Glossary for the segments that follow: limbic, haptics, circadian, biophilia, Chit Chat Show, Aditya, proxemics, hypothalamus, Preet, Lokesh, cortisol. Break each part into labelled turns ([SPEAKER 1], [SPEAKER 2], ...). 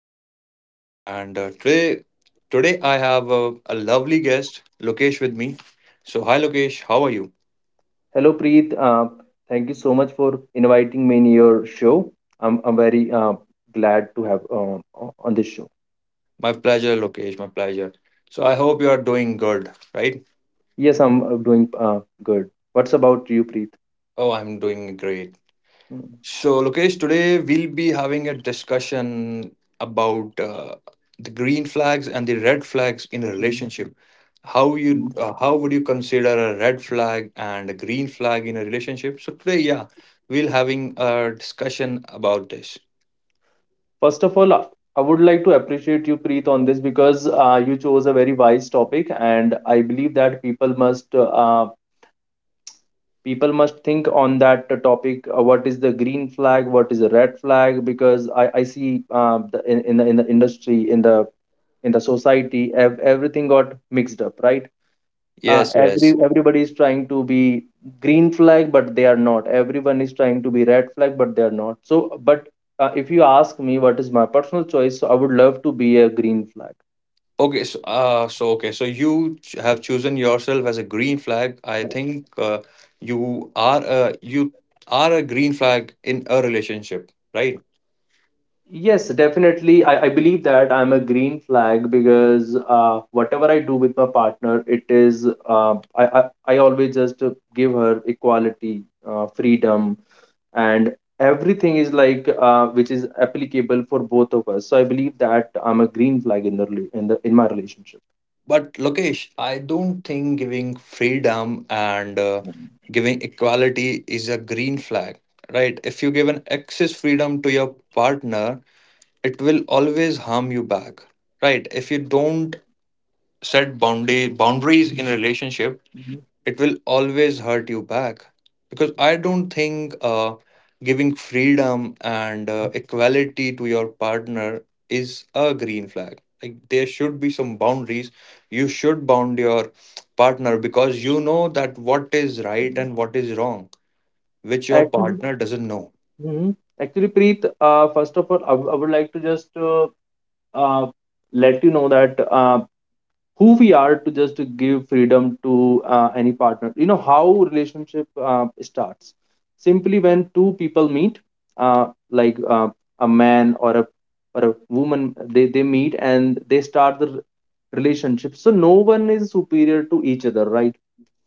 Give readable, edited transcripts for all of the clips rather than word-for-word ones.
[SPEAKER 1] Show. And uh, today, I have a lovely guest, Lokesh, with me. So, hi Lokesh, how are you?
[SPEAKER 2] Hello, Preet. Thank you so much for inviting me in your show. I'm very glad to have on this show.
[SPEAKER 1] My pleasure, Lokesh. My pleasure. So, I hope you are doing good, right?
[SPEAKER 2] Yes, I'm doing good. What's about you, Preet?
[SPEAKER 1] Oh, I'm doing great.
[SPEAKER 2] Mm.
[SPEAKER 1] So, Lokesh, today we'll be having a discussion about the green flags and the red flags in a
[SPEAKER 2] Mhm.
[SPEAKER 1] relationship. How would you consider a red flag and a green flag in a relationship? So today, yeah, we'll having a discussion about this.
[SPEAKER 2] First of all, I would like to appreciate you, Preet, on this because you chose a very wise topic, and I believe that people must think on that topic. What is the green flag? What is the red flag? Because I see, the, in the in the society, everything got mixed up, right.
[SPEAKER 1] Yes, yes.
[SPEAKER 2] Everybody is trying to be green flag, but they are not. Everyone is trying to be red flag, but they are not. So, but if you ask me what is my personal choice, so I would love to be a green flag.
[SPEAKER 1] Okay, so you have chosen yourself as a green flag. I think you are a green flag in a relationship, right?
[SPEAKER 2] Yes, definitely. I believe that I'm a green flag because whatever I do with my partner, it is I always just give her equality, freedom, and everything is like which is applicable for both of us. So I believe that I'm a green flag in the in my relationship.
[SPEAKER 1] But Lokesh, I don't think giving freedom and giving equality is a green flag, right? If you give an excess freedom to your partner, it will always harm you back, right? If you don't set boundary boundaries in a relationship, it will always hurt you back because I don't think giving freedom and equality to your partner is a green flag. Like, there should be some boundaries. You should bound your partner because you know that what is right and what is wrong, which your
[SPEAKER 2] Actually,
[SPEAKER 1] partner doesn't know.
[SPEAKER 2] Mhm. Actually, Preet, first of all, I would like to just uh, let you know that who we are to just give freedom to any partner. How relationship starts? Simply when two people meet, uh, like uh, a man or a woman, they meet and they start the relationship, so no one is superior to each other, right?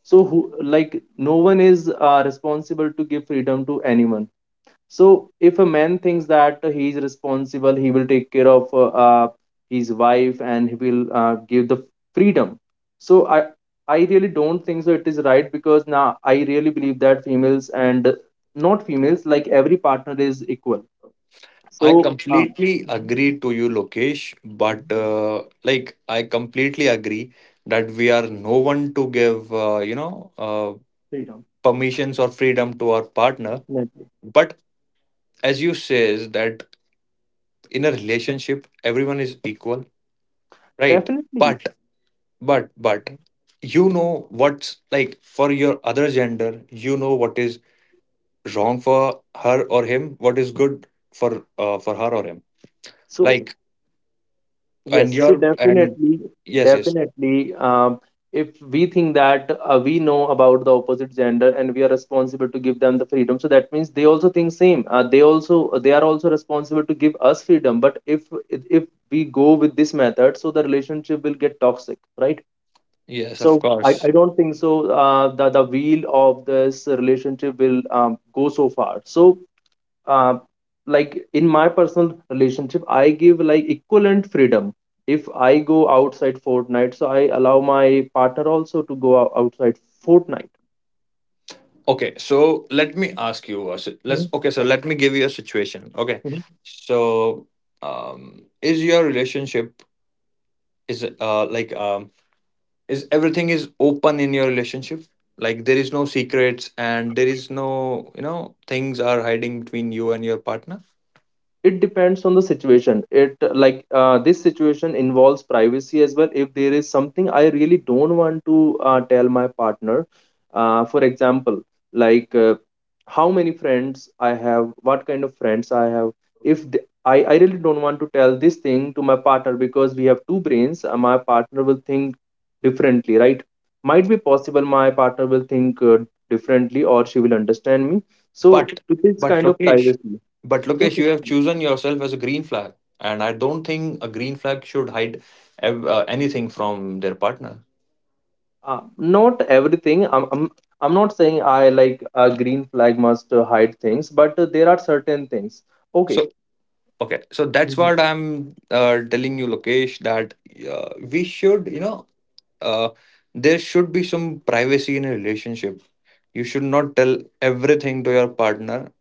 [SPEAKER 2] So who like no one is responsible to give freedom to anyone. So if a man thinks that he is responsible, he will take care of his wife, and he will give the freedom. So I really don't think so it is right, because now I really believe that females and not females, like, every partner is equal.
[SPEAKER 1] I
[SPEAKER 2] So
[SPEAKER 1] completely
[SPEAKER 2] Mhm,
[SPEAKER 1] agree to you, Lokesh,
[SPEAKER 2] mhm,
[SPEAKER 1] but like I completely agree that we are no one to give you know, uh,
[SPEAKER 2] freedom,
[SPEAKER 1] permissions or freedom to our partner.
[SPEAKER 2] definitely
[SPEAKER 1] But as you says that in a relationship everyone is equal, right?
[SPEAKER 2] definitely.
[SPEAKER 1] But but but you know what's like for your other gender. You know what is wrong for her or him, what is good for her or him,
[SPEAKER 2] So,
[SPEAKER 1] like.
[SPEAKER 2] yes.
[SPEAKER 1] And
[SPEAKER 2] So
[SPEAKER 1] your and,
[SPEAKER 2] definitely,
[SPEAKER 1] yes, yes,
[SPEAKER 2] definitely, um, if we think that we know about the opposite gender and we are responsible to give them the freedom, so that means they also think same. They are also responsible to give us freedom. But if we go with this method, so the relationship will get toxic, right?
[SPEAKER 1] yes, of
[SPEAKER 2] So I,
[SPEAKER 1] course.
[SPEAKER 2] I don't think so. The wheel of this relationship will go so far. So uh, like in my personal relationship, I give like equivalent freedom. If I go outside fortnight, so I allow my partner also to go outside fortnight.
[SPEAKER 1] Okay, so let me ask you a si- let's okay so let me give you a situation. Okay,
[SPEAKER 2] Mhm.
[SPEAKER 1] so, um, is your relationship is is everything is open in your relationship? Like, there is no secrets and there is no, you know, things are hiding between you and your partner?
[SPEAKER 2] It depends on the situation. It like This situation involves privacy as well. If there is something I really don't want to tell my partner, for example, like uh, how many friends I have, what kind of friends I have. If th- I really don't want to tell this thing to my partner, because we have two brains and my partner will think differently, right? Might be possible my partner will think differently, or she will understand me. So
[SPEAKER 1] but
[SPEAKER 2] it is
[SPEAKER 1] but
[SPEAKER 2] kind of
[SPEAKER 1] lokesh
[SPEAKER 2] privacy.
[SPEAKER 1] but
[SPEAKER 2] Yes,
[SPEAKER 1] Lokesh, you have
[SPEAKER 2] yes.
[SPEAKER 1] chosen yourself as a green flag, and I don't think a green flag should hide anything from their partner.
[SPEAKER 2] Not everything. I'm not saying I like a green flag must hide things, but there are certain things. Okay.
[SPEAKER 1] So, okay, so that's
[SPEAKER 2] Mhm.
[SPEAKER 1] what I'm telling you, Lokesh, that we should, you know, uh, there should be some privacy in a relationship. You should not tell everything to your partner.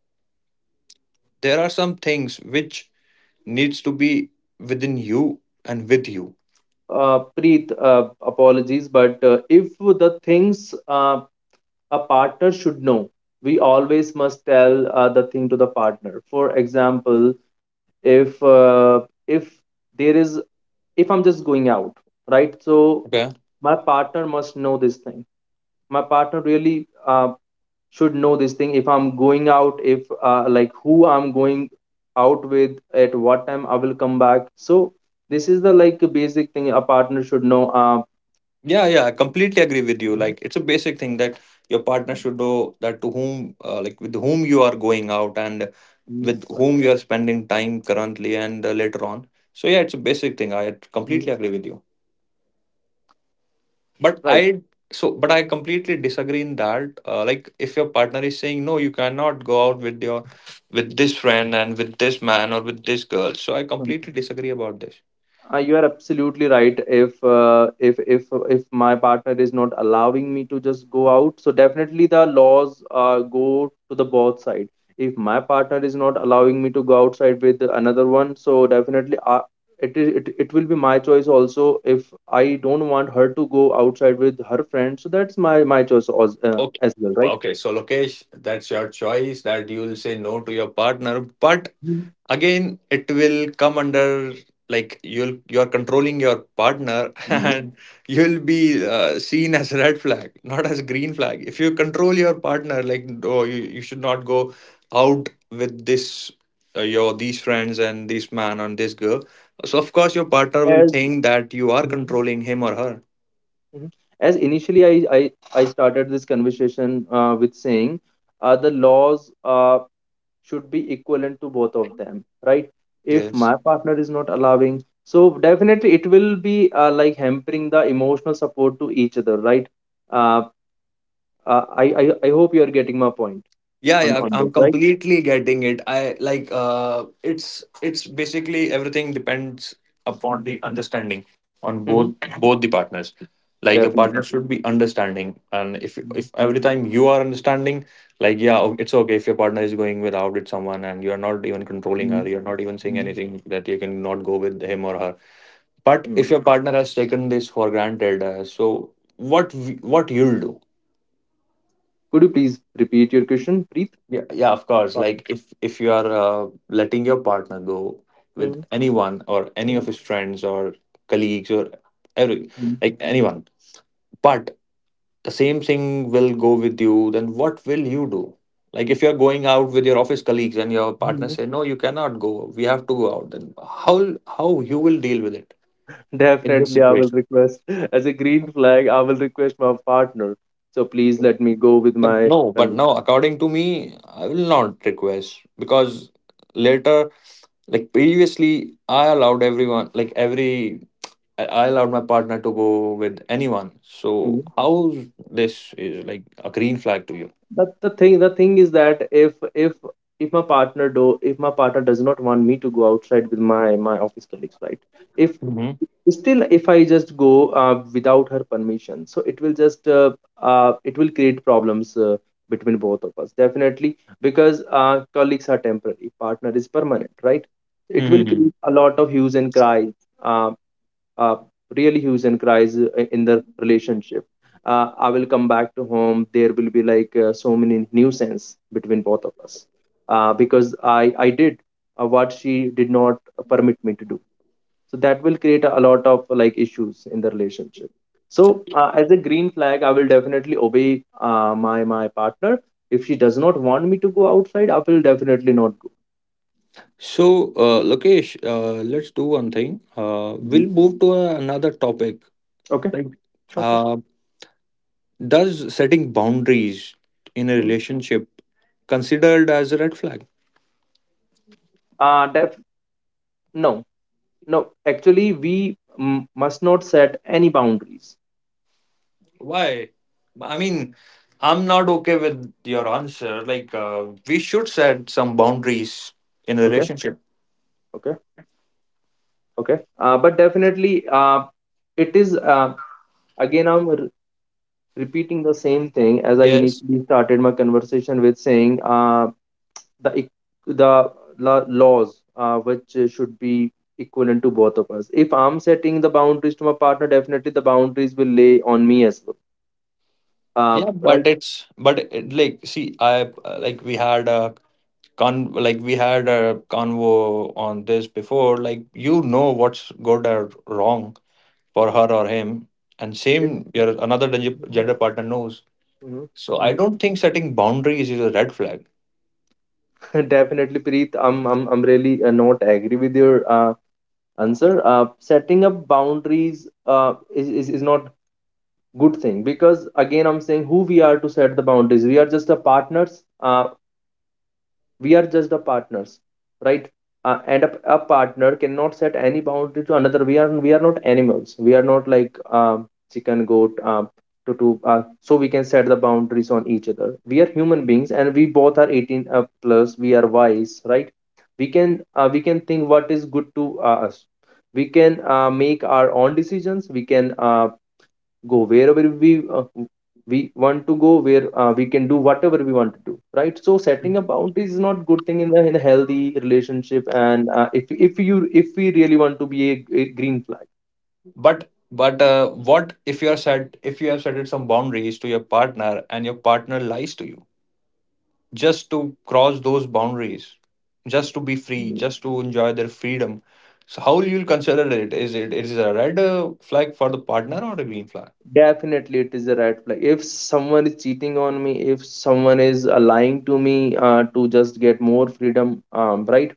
[SPEAKER 1] There are some things which needs to be within you and with you.
[SPEAKER 2] Preet, apologies, but if the things a partner should know, we always must tell the thing to the partner. For example, if uh, if there is if I'm just going out, right? So
[SPEAKER 1] Okay?
[SPEAKER 2] my partner must know this thing. My partner really should know this thing if I'm going out, if who I'm going out with, at what time I will come back. So this is the like basic thing a partner should know,
[SPEAKER 1] Yeah, yeah, I completely agree with you.
[SPEAKER 2] Mhm,
[SPEAKER 1] Like, it's a basic thing that your partner should know that to whom, like, with whom you are going out and
[SPEAKER 2] mhm,
[SPEAKER 1] with
[SPEAKER 2] right.
[SPEAKER 1] whom you are spending time currently and later on. So, yeah, it's a basic thing. I
[SPEAKER 2] Mhm.
[SPEAKER 1] completely agree with you. But
[SPEAKER 2] Right.
[SPEAKER 1] I, so, but I completely disagree in that. Like, if your partner is saying, no, you cannot go out with your, with this friend and with this man or with this girl. So, I completely disagree about this.
[SPEAKER 2] You are absolutely right. If if my partner is not allowing me to just go out, so definitely the laws go to the both side. If my partner is not allowing me to go outside with another one, so definitely it will be my choice also. If I don't want her to go outside with her friend, so that's my choice
[SPEAKER 1] Okay.
[SPEAKER 2] as well, right?
[SPEAKER 1] Okay, so Lokesh, that's your choice that you will say no to your partner. But again it will come under like you'll, you're controlling your partner
[SPEAKER 2] Mhm.
[SPEAKER 1] and you'll be seen as red flag, not as green flag, if you control your partner, like, oh, you should not go out with this your these friends and this man and this girl. So of course your
[SPEAKER 2] As
[SPEAKER 1] partner will think that you are controlling him or her.
[SPEAKER 2] Mhm. As initially I started this conversation with saying the laws should be equivalent to both of them, right? If
[SPEAKER 1] Yes.
[SPEAKER 2] my partner is not allowing, so definitely it will be like hampering the emotional support to each other, right? Uh, I hope you're getting my point
[SPEAKER 1] Yeah, yeah,
[SPEAKER 2] on this,
[SPEAKER 1] I'm
[SPEAKER 2] right?
[SPEAKER 1] completely getting it. I like, uh, it's basically everything depends upon the understanding on both,
[SPEAKER 2] Hmm.
[SPEAKER 1] both the partners. Like, your partner
[SPEAKER 2] Definitely.
[SPEAKER 1] should be understanding, and if
[SPEAKER 2] Mhm.
[SPEAKER 1] every time you are understanding, like, yeah, it's okay if your partner is going with out with someone and you're not even controlling
[SPEAKER 2] Mhm.
[SPEAKER 1] her, you're not even saying
[SPEAKER 2] Mhm.
[SPEAKER 1] anything that you can not go with him or her. But if
[SPEAKER 2] Mhm.
[SPEAKER 1] your partner has taken this for granted, so what we, what you'll do?
[SPEAKER 2] Could you please repeat your question, Preet?
[SPEAKER 1] Yeah, yeah, of course.
[SPEAKER 2] Sorry.
[SPEAKER 1] Like, if you are letting your partner go with
[SPEAKER 2] Mhm.
[SPEAKER 1] anyone or any of his friends or colleagues or every, like anyone, but the same thing will go with you, then what will you do? Like, if you're going out with your office colleagues and your partner
[SPEAKER 2] Mhm.
[SPEAKER 1] say, "No, you cannot go. We have to go out." Then how you will deal with it in this
[SPEAKER 2] Definitely, I will
[SPEAKER 1] situation?
[SPEAKER 2] request, as a green flag, I will request my partner. So please let me go with
[SPEAKER 1] But
[SPEAKER 2] my
[SPEAKER 1] no, but
[SPEAKER 2] colleague.
[SPEAKER 1] no. According to me, I will not request because later, like previously, I allowed everyone, like every, I allowed my partner to go with anyone. So
[SPEAKER 2] Mhm.
[SPEAKER 1] how this is like a green flag to you?
[SPEAKER 2] But the thing is that if my partner does not want me to go outside with my office colleagues, right? If
[SPEAKER 1] Hmm.
[SPEAKER 2] if I just go without her permission, so it will create problems between both of us, definitely. Because colleagues are temporary, partner is permanent, right? It will
[SPEAKER 1] Hmm.
[SPEAKER 2] create a lot of hues and cries, uh, uh, really hues and cries in the relationship. I will come back to home, there will be like so many nuisance between both of us because I did what she did not permit me to do. So that will create a lot of like issues in the relationship. So as a green flag, I will definitely obey my partner. If she does not want me to go outside, I will definitely not go.
[SPEAKER 1] So, Lokesh, let's do one thing. We'll
[SPEAKER 2] Mhm.
[SPEAKER 1] move to another topic.
[SPEAKER 2] Okay.
[SPEAKER 1] Like,
[SPEAKER 2] Sure, sure.
[SPEAKER 1] uh, does setting boundaries in a
[SPEAKER 2] Hmm.
[SPEAKER 1] relationship considered as a red flag?
[SPEAKER 2] uh def- no, no, actually we must not set any boundaries.
[SPEAKER 1] Why? I mean, I'm not okay with your answer. Like, we should set some boundaries in a
[SPEAKER 2] Okay,
[SPEAKER 1] relationship.
[SPEAKER 2] okay, okay. But definitely, uh, it is again I'm repeating the same thing as I
[SPEAKER 1] Yes.
[SPEAKER 2] initially started my conversation with saying, the eq- the la- laws, which should be equivalent to both of us. If I'm setting the boundaries to my partner, definitely the boundaries will lay on me as well, uh,
[SPEAKER 1] Yeah, but
[SPEAKER 2] right.
[SPEAKER 1] it's but it, like see, I like we had a con like we had a convo on this before. Like, you know what's good or wrong for her or him, and
[SPEAKER 2] it,
[SPEAKER 1] same your another gender partner knows.
[SPEAKER 2] Mhm,
[SPEAKER 1] So I
[SPEAKER 2] mhm.
[SPEAKER 1] don't think setting boundaries is a red flag.
[SPEAKER 2] Definitely Preet, I'm really not agree with your answer. Setting up boundaries is, not good thing, because again I'm saying, who we are to set the boundaries? We are just a partners. We are just the partners, right? And a partner cannot set any boundary to another. We are — we are not animals. We are not like chicken goat, to so we can set the boundaries on each other? We are human beings, and we both are 18 plus. We are wise, right? We can think what is good to us. We can make our own decisions. We can go wherever we want to go where we can do whatever we want to do, right? So setting a boundary is not good thing in the in a healthy relationship, and if we really want to be a green flag.
[SPEAKER 1] But what if you are set, if you have set some boundaries to your partner and your partner lies to you just to cross those boundaries, just to be free, just to enjoy their freedom? So how you'll consider it? Is it, is it a red flag for the partner or a green flag?
[SPEAKER 2] Definitely, it is a red flag if someone is cheating on me, if someone is lying to me to just get more freedom, right.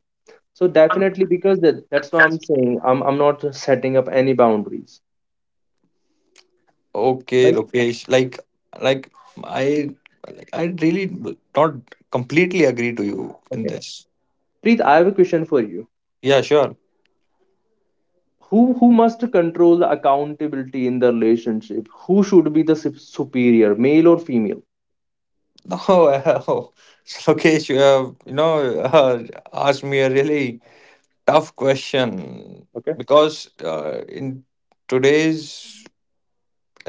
[SPEAKER 2] So definitely, because that's why I'm saying I'm not setting up any boundaries,
[SPEAKER 1] Okay,
[SPEAKER 2] right.
[SPEAKER 1] Lokesh, like I, like I really not completely agree to you in
[SPEAKER 2] Okay,
[SPEAKER 1] this.
[SPEAKER 2] Preet, I have a question for you.
[SPEAKER 1] Yeah, sure.
[SPEAKER 2] Who must control the accountability in the relationship? Who should be the superior, male or female?
[SPEAKER 1] No, uh, Lokesh, you have, you know, uh, asked me a really tough question
[SPEAKER 2] Okay.
[SPEAKER 1] because in today's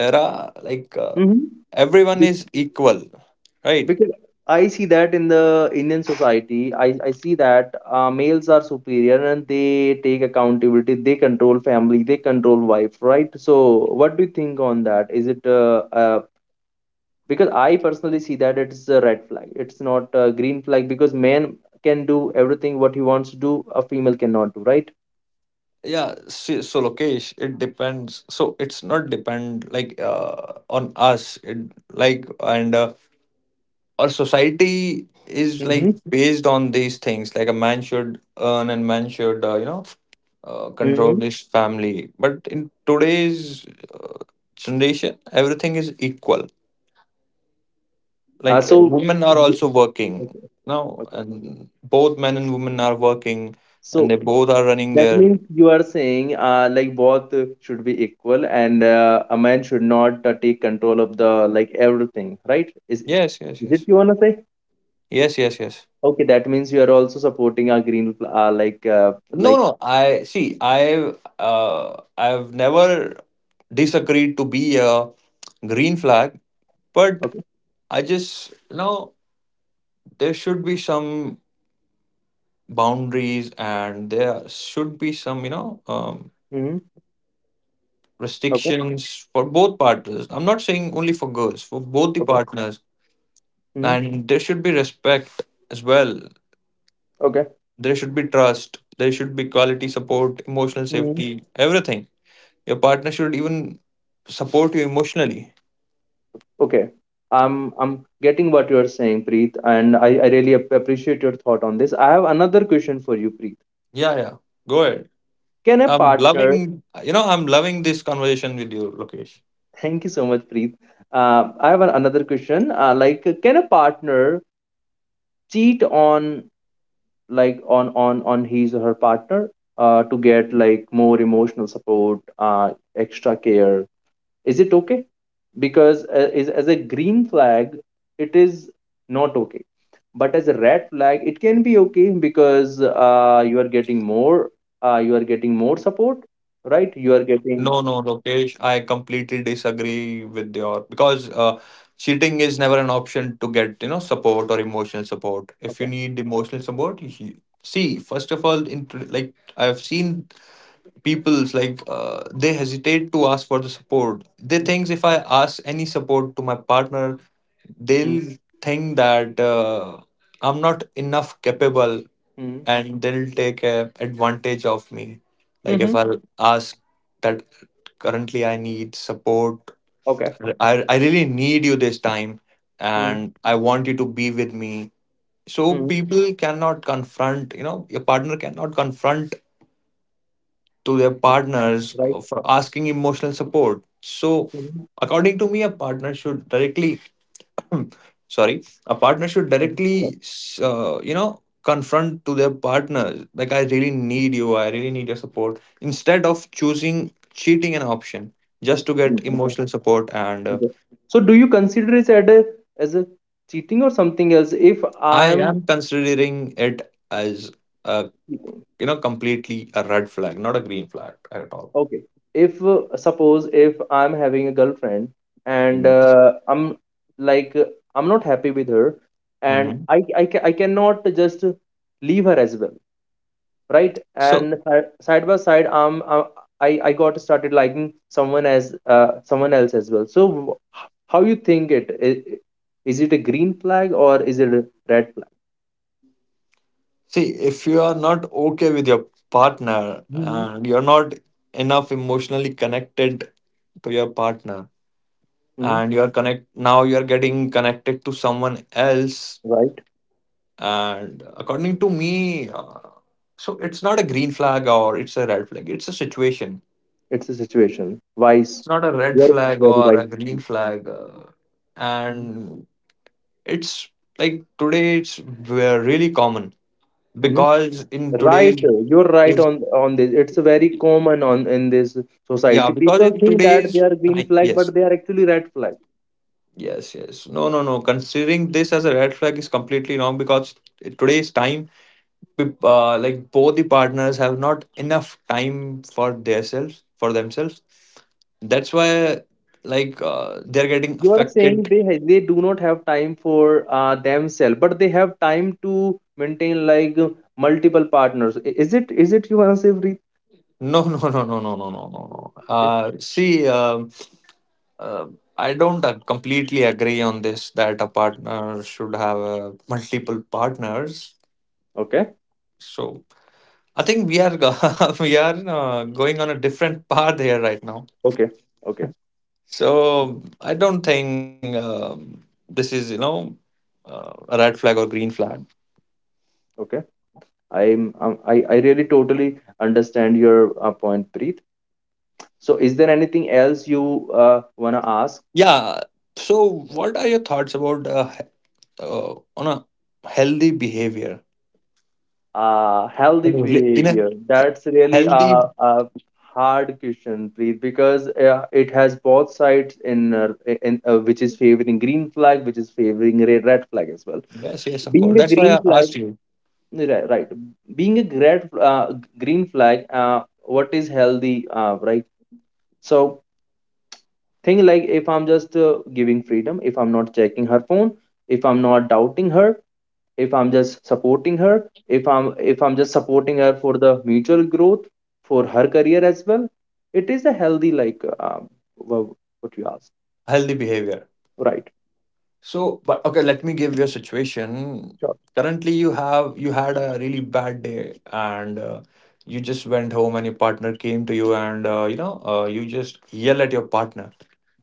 [SPEAKER 1] era, like,
[SPEAKER 2] Mm-hmm.
[SPEAKER 1] everyone
[SPEAKER 2] Be-
[SPEAKER 1] is equal, right?
[SPEAKER 2] because I see that in the Indian society, I see that males are superior and they take accountability, they control family, they control wife, right? So what do you think on that? Is it because I personally see that it's a red flag, it's not a green flag, because man can do everything what he wants to do, a female cannot do, right?
[SPEAKER 1] Yeah. So, so Lokesh, it depends. So it's not depend like on us. It, like, and our society is like based on these things. Like, a man should earn and man should you know, control
[SPEAKER 2] Mm-hmm.
[SPEAKER 1] his family. But in today's uh, generation, everything is equal, like,
[SPEAKER 2] So,
[SPEAKER 1] women are
[SPEAKER 2] you-
[SPEAKER 1] also working
[SPEAKER 2] okay,
[SPEAKER 1] now
[SPEAKER 2] okay.
[SPEAKER 1] and both men and women are working and they
[SPEAKER 2] So
[SPEAKER 1] both are running
[SPEAKER 2] that
[SPEAKER 1] their,
[SPEAKER 2] means you are saying like both should be equal, and a man should not take control of the like everything, right? Is
[SPEAKER 1] yes, yes,
[SPEAKER 2] is it
[SPEAKER 1] yes,
[SPEAKER 2] you wanna say?
[SPEAKER 1] yes, yes, yes.
[SPEAKER 2] Okay, that means you are also supporting a green fl- uh, like uh,
[SPEAKER 1] No,
[SPEAKER 2] like
[SPEAKER 1] no, I see, I I've never disagreed to be a green flag, but
[SPEAKER 2] Okay,
[SPEAKER 1] I just, you know, there should be some boundaries and there should be some, you know,
[SPEAKER 2] hmm. Okay,
[SPEAKER 1] restrictions for both partners. I'm not saying only for girls, for both the
[SPEAKER 2] okay.
[SPEAKER 1] partners.
[SPEAKER 2] Hmm.
[SPEAKER 1] And there should be respect as well.
[SPEAKER 2] Okay.
[SPEAKER 1] There should be trust, there should be quality support, emotional
[SPEAKER 2] Hmm.
[SPEAKER 1] safety, everything. Your partner should even support you emotionally.
[SPEAKER 2] Okay. I'm getting what you are saying, Preet, and I really appreciate your thought on this. I have another question for you, Preet.
[SPEAKER 1] Yeah, yeah, go ahead.
[SPEAKER 2] Can a
[SPEAKER 1] I'm
[SPEAKER 2] partner.
[SPEAKER 1] loving, you know, I'm loving this conversation with you, Lokesh.
[SPEAKER 2] Thank you so much, Preet. I have another question. Can a partner cheat on like on his or her partner to get like more emotional support, extra care? Is it okay? Because is as a green flag, it is not okay. But as a red flag, it can be okay because you are getting more, you are getting more support, right? You
[SPEAKER 1] No,
[SPEAKER 2] are
[SPEAKER 1] no,
[SPEAKER 2] getting
[SPEAKER 1] Lokesh, I completely disagree with your because cheating is never an option to get, you know, support or emotional support. If you
[SPEAKER 2] okay.
[SPEAKER 1] need emotional support, you, see, first of all, in, like, I've seen people's like, they hesitate to ask for the support. They
[SPEAKER 2] Mm-hmm.
[SPEAKER 1] think, if I ask any support to my partner,
[SPEAKER 2] Mm-hmm.
[SPEAKER 1] they'll think that I'm not enough capable
[SPEAKER 2] Mm-hmm.
[SPEAKER 1] and they'll take a advantage of me, like,
[SPEAKER 2] Mm-hmm.
[SPEAKER 1] if I ask that currently I need support,
[SPEAKER 2] Okay.
[SPEAKER 1] I really need you this time
[SPEAKER 2] Mm-hmm.
[SPEAKER 1] and I want you to be with me. So
[SPEAKER 2] Mm-hmm.
[SPEAKER 1] people cannot confront, you know, your partner cannot confront to their
[SPEAKER 2] Okay.
[SPEAKER 1] partners
[SPEAKER 2] Right.
[SPEAKER 1] for asking emotional support. So,
[SPEAKER 2] Mhm.
[SPEAKER 1] according to me, a partner should directly, sorry, a partner should
[SPEAKER 2] Mhm. Right.
[SPEAKER 1] directly, you know, confront to their partners, like, I really need you, I really need your support, instead of choosing cheating an option just to
[SPEAKER 2] Mm,
[SPEAKER 1] get
[SPEAKER 2] okay.
[SPEAKER 1] emotional support. And
[SPEAKER 2] Okay. So do you consider it as a cheating or something else? If
[SPEAKER 1] I
[SPEAKER 2] I'm
[SPEAKER 1] am considering it as a,
[SPEAKER 2] cheating,
[SPEAKER 1] you know, completely a red flag, not a green flag at all.
[SPEAKER 2] okay. If suppose if I'm having a girlfriend and
[SPEAKER 1] Yes.
[SPEAKER 2] I'm like uh, I'm not happy with her, and
[SPEAKER 1] Hmm.
[SPEAKER 2] I cannot just leave her as well. Right,
[SPEAKER 1] So,
[SPEAKER 2] and side by side, I got started liking someone as someone else as well. So how you think it is? Is it a green flag or is it a red flag?
[SPEAKER 1] see, if you are not okay with your partner
[SPEAKER 2] Mm-hmm.
[SPEAKER 1] and you're not enough emotionally connected to your partner
[SPEAKER 2] Hmm.
[SPEAKER 1] and you're connect, now you're getting connected to someone else,
[SPEAKER 2] Right.
[SPEAKER 1] and according to me, so it's not a green flag or it's a red flag, it's a situation.
[SPEAKER 2] It's a situation wise.
[SPEAKER 1] It's not a red
[SPEAKER 2] You're
[SPEAKER 1] flag
[SPEAKER 2] very
[SPEAKER 1] or
[SPEAKER 2] right.
[SPEAKER 1] a green flag,
[SPEAKER 2] Hmm.
[SPEAKER 1] and it's, like, today it's really common because in
[SPEAKER 2] Right.
[SPEAKER 1] today's,
[SPEAKER 2] You're right on this. It's very common on in this
[SPEAKER 1] yeah,
[SPEAKER 2] society.
[SPEAKER 1] because
[SPEAKER 2] People
[SPEAKER 1] in
[SPEAKER 2] think that
[SPEAKER 1] today's
[SPEAKER 2] they are green flag
[SPEAKER 1] yes,
[SPEAKER 2] but they are actually red flag.
[SPEAKER 1] yes, yes. No, no, no. Considering this as a red flag is completely wrong because in today's time, like, both the partners have not enough time for themselves, for themselves. That's why, like, they're getting
[SPEAKER 2] You are saying
[SPEAKER 1] affected.
[SPEAKER 2] they they do not have time for themselves, but they have time to maintain like multiple partners. Is it is it you answer every
[SPEAKER 1] No, no, no, no, no, no, no, no, no.
[SPEAKER 2] okay
[SPEAKER 1] See, uh, I don't completely agree on this that a partner should have multiple partners.
[SPEAKER 2] okay
[SPEAKER 1] So I think we are we are going on a different path here right now.
[SPEAKER 2] okay okay okay
[SPEAKER 1] So I don't think, this is, you know, a red flag or green flag.
[SPEAKER 2] okay. I really totally understand your point, Preet. So is there anything else you uh, want to ask?
[SPEAKER 1] Yeah. So what are your thoughts about on a healthy behavior
[SPEAKER 2] Healthy
[SPEAKER 1] in a
[SPEAKER 2] behavior. That's really
[SPEAKER 1] healthy?
[SPEAKER 2] a hard question, Preet, because it has both sides in, which is favoring green flag, which is favoring red flag as well.
[SPEAKER 1] Yes, yes, of course.
[SPEAKER 2] Being a
[SPEAKER 1] That's why
[SPEAKER 2] green
[SPEAKER 1] I
[SPEAKER 2] flag,
[SPEAKER 1] asked you.
[SPEAKER 2] yeah, right, right. Being a green flag, what is healthy, right? So thing like if I'm just giving freedom, if I'm not checking her phone, if I'm not doubting her, if I'm just supporting her, if I'm just supporting her for the mutual growth, for her career as well, it is a healthy like well, what you asked.
[SPEAKER 1] Healthy behavior.
[SPEAKER 2] Right.
[SPEAKER 1] So, but okay, let me give you a situation.
[SPEAKER 2] Sure.
[SPEAKER 1] Currently, you have, you had a really bad day, and you just went home, and your partner came to you, and you know, you just yell at your partner.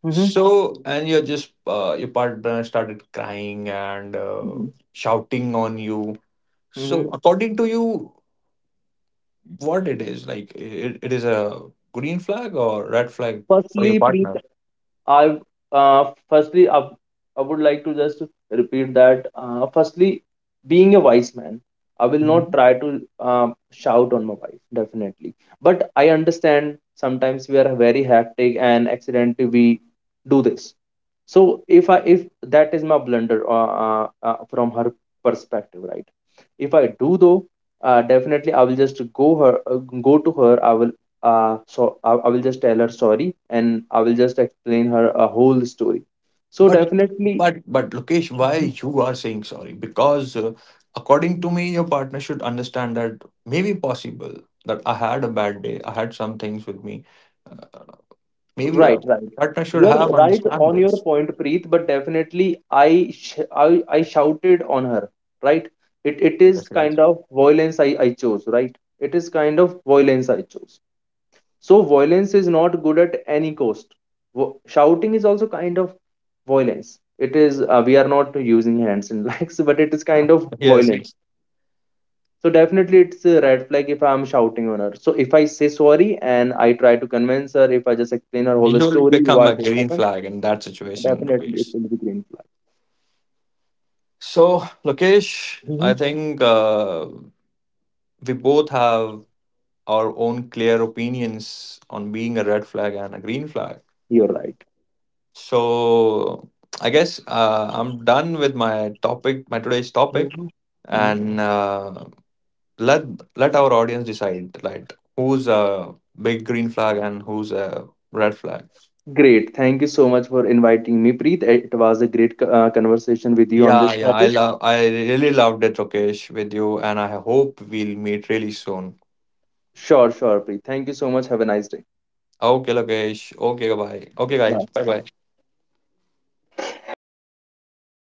[SPEAKER 2] Mm-hmm.
[SPEAKER 1] So, and you're just your partner started crying and shouting on you. So,
[SPEAKER 2] Mm-hmm.
[SPEAKER 1] according to you, what it is like? It is a green flag or red flag for your
[SPEAKER 2] Firstly, Preet,
[SPEAKER 1] partner?
[SPEAKER 2] I, uh, firstly I, I would like to just repeat that firstly, being a wise man, I will not try to shout on my wife, definitely. But I understand sometimes we are very hectic and accidentally we do this. So if that is my blunder, from her perspective, right? if I do though Definitely I will just go to her. I will, I will just tell her sorry and I will just explain her a whole story. So
[SPEAKER 1] But
[SPEAKER 2] definitely.
[SPEAKER 1] but Lokesh, why
[SPEAKER 2] Mhm.
[SPEAKER 1] you are saying sorry? Because according to me, your partner should understand that maybe possible that I had a bad day. I had some things with me. Maybe
[SPEAKER 2] Right,
[SPEAKER 1] a
[SPEAKER 2] right.
[SPEAKER 1] partner should
[SPEAKER 2] You're
[SPEAKER 1] have
[SPEAKER 2] right
[SPEAKER 1] understand
[SPEAKER 2] on your
[SPEAKER 1] this.
[SPEAKER 2] point, Preet, but definitely I shouted on her, right? It is
[SPEAKER 1] Yes, yes.
[SPEAKER 2] kind of violence I chose, right? It is kind of violence I chose. So violence is not good at any cost. Shouting is also kind of violence. It is we are not using hands and legs, but it is kind of
[SPEAKER 1] Yes,
[SPEAKER 2] violent.
[SPEAKER 1] yes.
[SPEAKER 2] So definitely it's a red flag if I'm shouting on her. So if I say sorry and I try to convince her, if I just explain her whole
[SPEAKER 1] You'll
[SPEAKER 2] story,
[SPEAKER 1] become
[SPEAKER 2] what
[SPEAKER 1] a
[SPEAKER 2] has
[SPEAKER 1] green
[SPEAKER 2] happened,
[SPEAKER 1] flag in that situation,
[SPEAKER 2] definitely it
[SPEAKER 1] Lokesh.
[SPEAKER 2] will be green flag.
[SPEAKER 1] So, Lokesh, I
[SPEAKER 2] Mhm.
[SPEAKER 1] think we both have our own clear opinions on being a red flag and a green flag.
[SPEAKER 2] You're right.
[SPEAKER 1] So I guess I'm done with my topic, my today's topic,
[SPEAKER 2] Mhm. Mhm.
[SPEAKER 1] and let, let our audience decide like who's a big green flag and who's a red flag.
[SPEAKER 2] Great. Thank you so much for inviting me, Preet. It was a great conversation with you on
[SPEAKER 1] Yeah,
[SPEAKER 2] this
[SPEAKER 1] yeah, I
[SPEAKER 2] topic.
[SPEAKER 1] love, I really loved it, Lokesh, with you, and I hope we'll meet really soon.
[SPEAKER 2] Sure, sure, Preet. Thank you so much. Have a nice day.
[SPEAKER 1] Okay, Lokesh. Okay, bye. Okay, guys.
[SPEAKER 2] Bye.
[SPEAKER 1] Bye, bye.